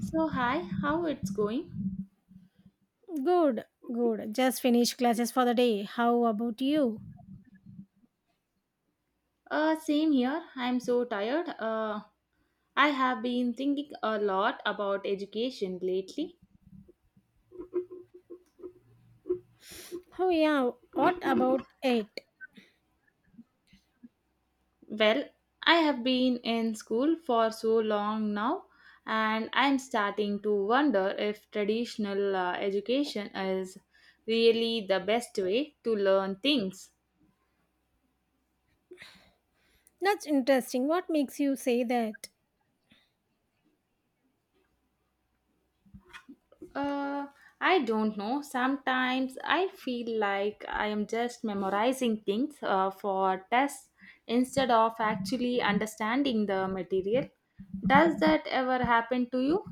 So hi, how it's going? Good, good. Just finished classes for the day. How about you? Same here. I'm so tired. I have been thinking a lot about education lately. Oh, yeah. What about it? Well, I have been in school for so long now, and I'm starting to wonder if traditional education is really the best way to learn things. That's interesting. What makes you say that? Uh, I don't know. Sometimes I feel like I am just memorizing things for tests instead of actually understanding the material. Does that ever happen to you?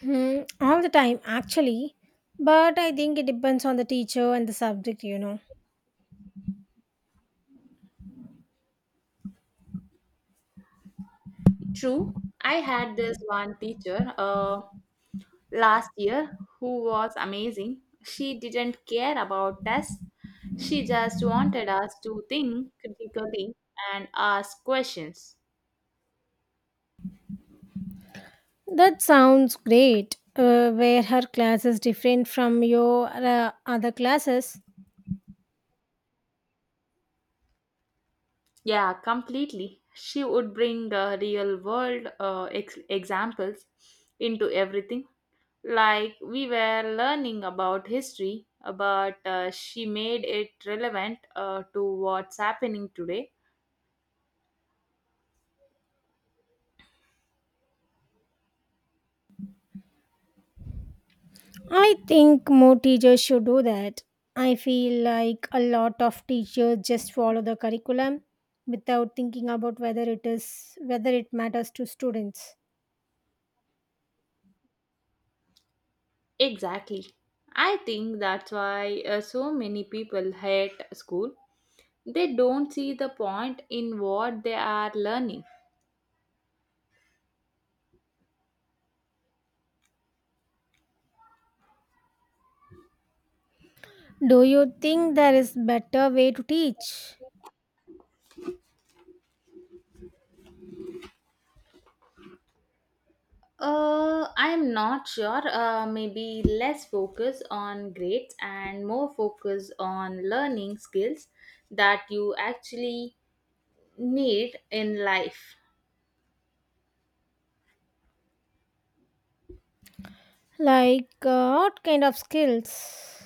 Hmm, all the time, actually. But I think it depends on the teacher and the subject, you know. True. I had this one teacher last year who was amazing. She didn't care about tests, she just wanted us to think critically and ask questions. That sounds great. Where her class is different from your other classes. Yeah, completely. She would bring real world examples into everything. Like we were learning about history, but she made it relevant to what's happening today. I think more teachers should do that. I feel like a lot of teachers just follow the curriculum without thinking about whether it matters to students. Exactly. I think that's why so many people hate school. They don't see the point in what they are learning. Do you think there is better way to teach? I am not sure. Maybe less focus on grades and more focus on learning skills that you actually need in life. Like what kind of skills?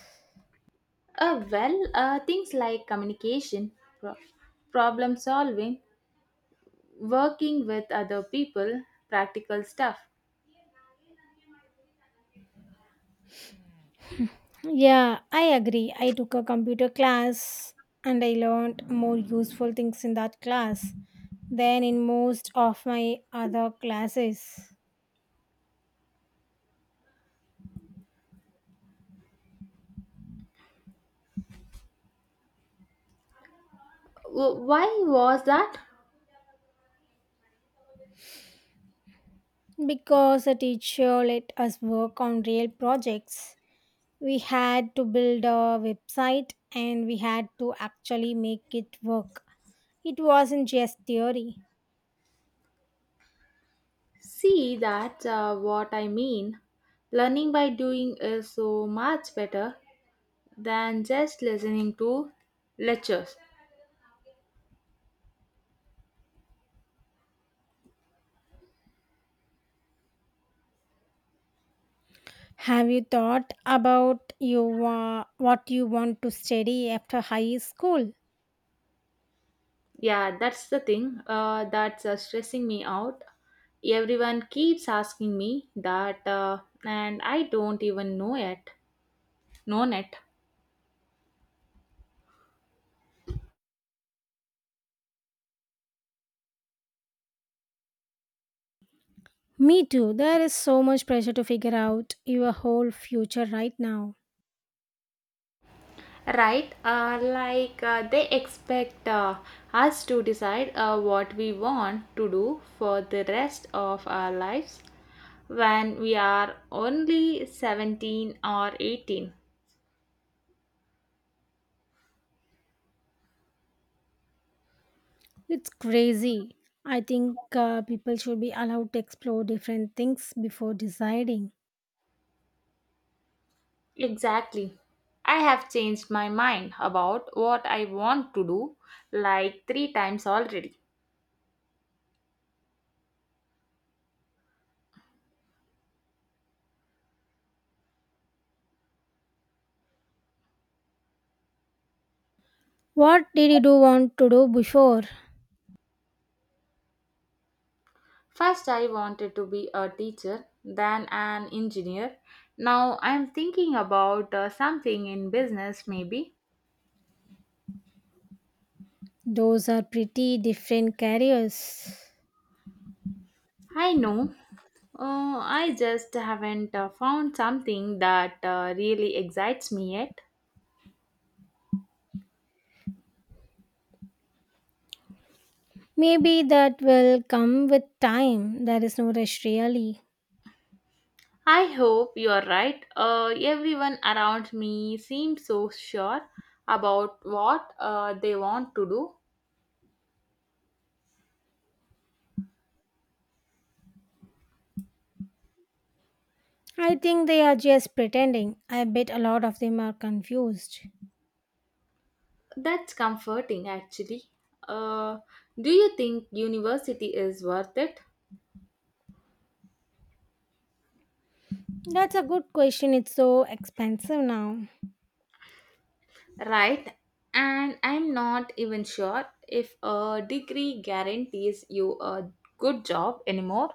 Well, things like communication, pro- problem solving, working with other people, practical stuff. Yeah, I agree. I took a computer class and I learned more useful things in that class than in most of my other classes. Why was that? Because a teacher let us work on real projects, we had to build a website and we had to actually make it work. It wasn't just theory. See, that's what I mean. Learning by doing is so much better than just listening to lectures. Have you thought about what you want to study after high school? Yeah, that's the thing that's stressing me out. Everyone keeps asking me that, and I don't even know it. Known it. Me too. There is so much pressure to figure out your whole future right now. Right, like they expect us to decide what we want to do for the rest of our lives when we are only 17 or 18. It's crazy. I think people should be allowed to explore different things before deciding. Exactly. I have changed my mind about what I want to do like three times already. What did you do want to do before? First, I wanted to be a teacher, then an engineer. Now, I'm thinking about something in business, maybe. Those are pretty different careers. I know, I just haven't found something that really excites me yet. Maybe that will come with time. There is no rush, really. I hope you're right. Everyone around me seems so sure about what they want to do. I think they are just pretending. I bet a lot of them are confused. That's comforting actually. Uh, do you think university is worth it? That's a good question. It's so expensive now. Right. And I'm not even sure if a degree guarantees you a good job anymore.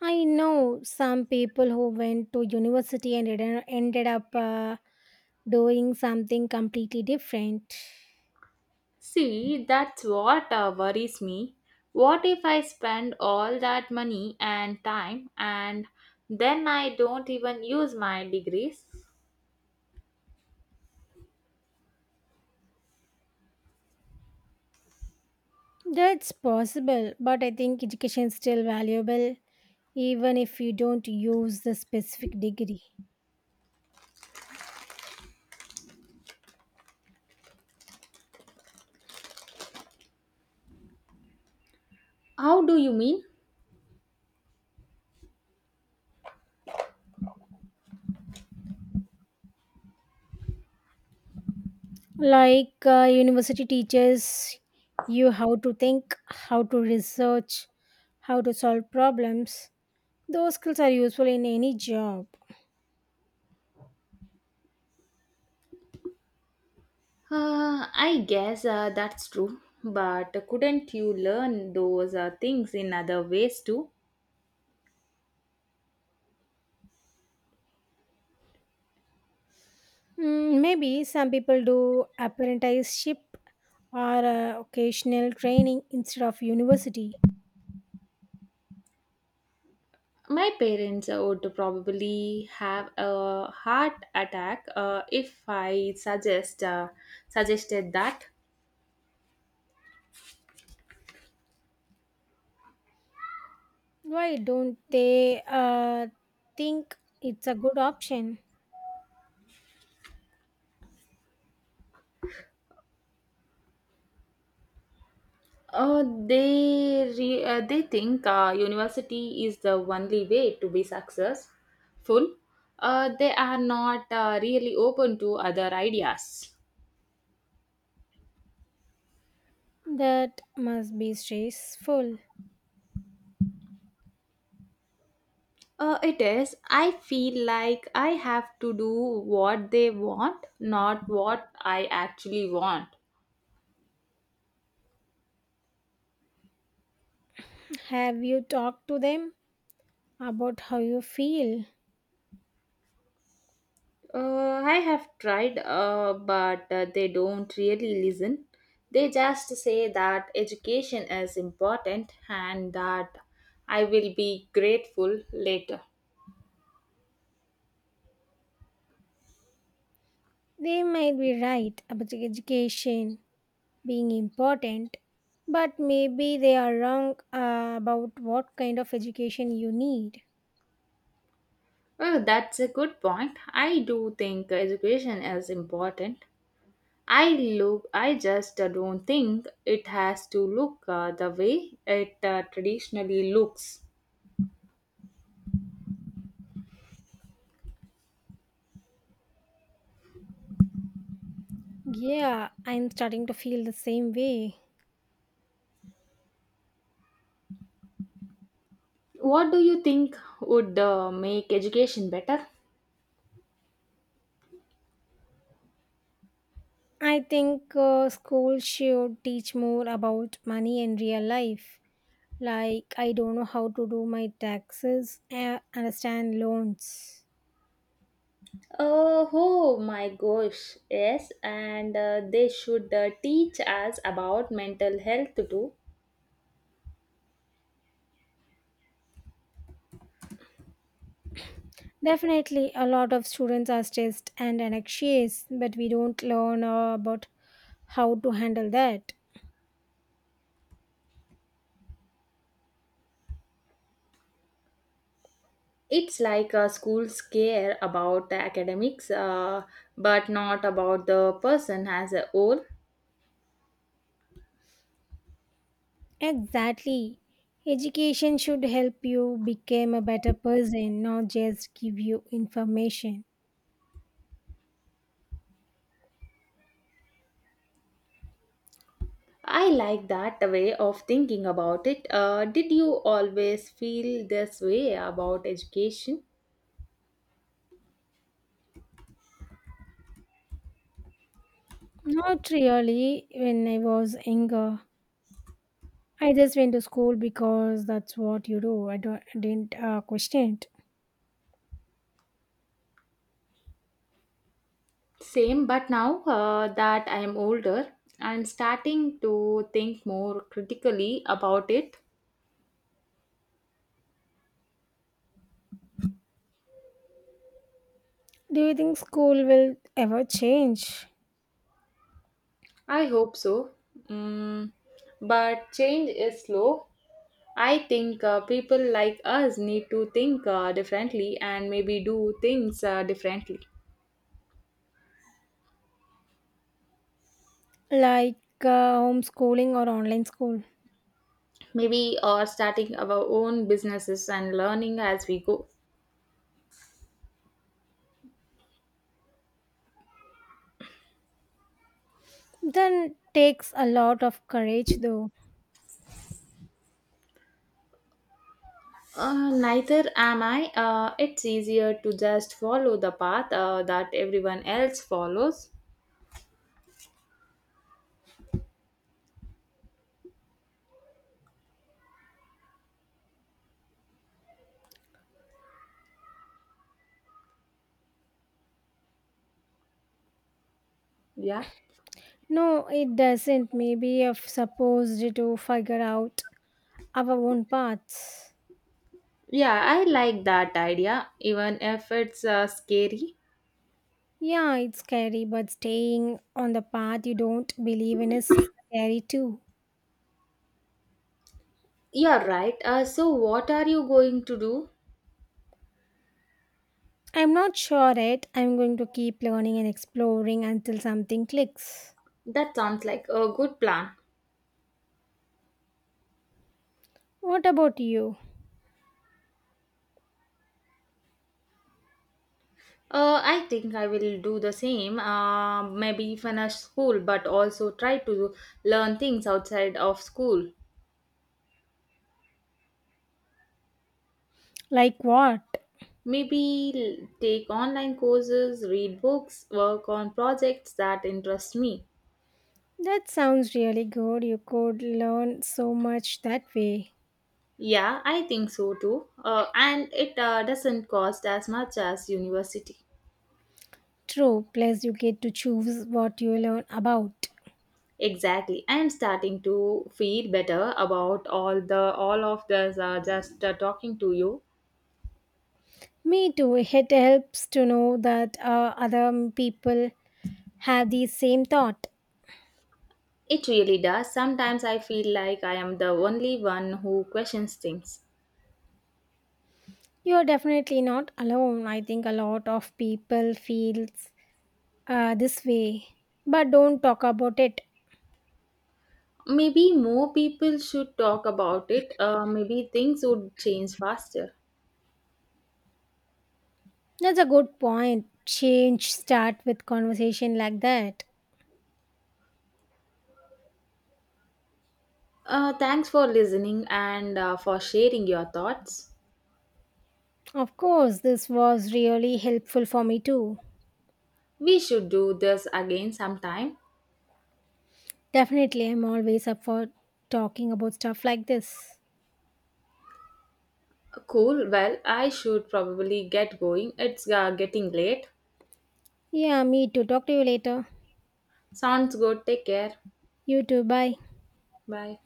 I know some people who went to university and ended up doing something completely different. See, that's what worries me. What if I spend all that money and time and then I don't even use my degrees? That's possible, but I think education is still valuable, even if you don't use the specific degree. How do you mean? Like university teaches you how to think, how to research, how to solve problems. Those skills are useful in any job. I guess that's true. But couldn't you learn those things in other ways too? Mm, maybe some people do apprenticeship or occasional training instead of university. My parents would probably have a heart attack if I suggested that. Why don't they think it's a good option? They think university is the only way to be successful. They are not really open to other ideas. That must be stressful. It is. I feel like I have to do what they want, not what I actually want. Have you talked to them about how you feel? I have tried, but they don't really listen. They just say that education is important and that I will be grateful later. They might be right about education being important, but maybe they are wrong about what kind of education you need. Well, that's a good point. I do think education is important, I look. I just don't think it has to look the way it traditionally looks. Yeah, I'm starting to feel the same way. What do you think would make education better? I think school should teach more about money and real life. Like, I don't know how to do my taxes, understand loans. Oh, oh my gosh, yes, and they should teach us about mental health too. Definitely, a lot of students are stressed and anxious, but we don't learn about how to handle that. It's like schools care about the academics, but not about the person as a whole. Exactly. Education should help you become a better person, not just give you information. I like that way of thinking about it. Did you always feel this way about education? Not really when I was younger. I just went to school because that's what you do. I didn't question it. Same, but now that I am older, I'm starting to think more critically about it. Do you think school will ever change? I hope so. Mm, but change is slow. I think people like us need to think differently and maybe do things differently. Like homeschooling or online school? Maybe starting our own businesses and learning as we go. Then takes a lot of courage though. Neither am I. It's easier to just follow the path that everyone else follows. Yeah. No, it doesn't. Maybe if supposed to figure out our own paths. Yeah, I like that idea, even if it's scary. Yeah, it's scary, but staying on the path you don't believe in is scary too. You're right. So, what are you going to do? I'm not sure yet. I'm going to keep learning and exploring until something clicks. That sounds like a good plan. What about you? I think I will do the same. Maybe finish school, but also try to learn things outside of school. Like what? Maybe take online courses, read books, work on projects that interest me. That sounds really good. You could learn so much that way. Yeah, I think so too. And it doesn't cost as much as university. True, plus you get to choose what you learn about. Exactly. I am starting to feel better about all of this just talking to you. Me too. It helps to know that other people have the same thought. It really does. Sometimes I feel like I am the only one who questions things. You are definitely not alone. I think a lot of people feels this way, but don't talk about it. Maybe more people should talk about it. Maybe things would change faster. That's a good point. Change start with conversation like that. Thanks for listening and for sharing your thoughts. Of course, this was really helpful for me too. We should do this again sometime. Definitely, I'm always up for talking about stuff like this. Cool. Well, I should probably get going. It's getting late. Yeah, me too. Talk to you later. Sounds good. Take care. You too. Bye. Bye.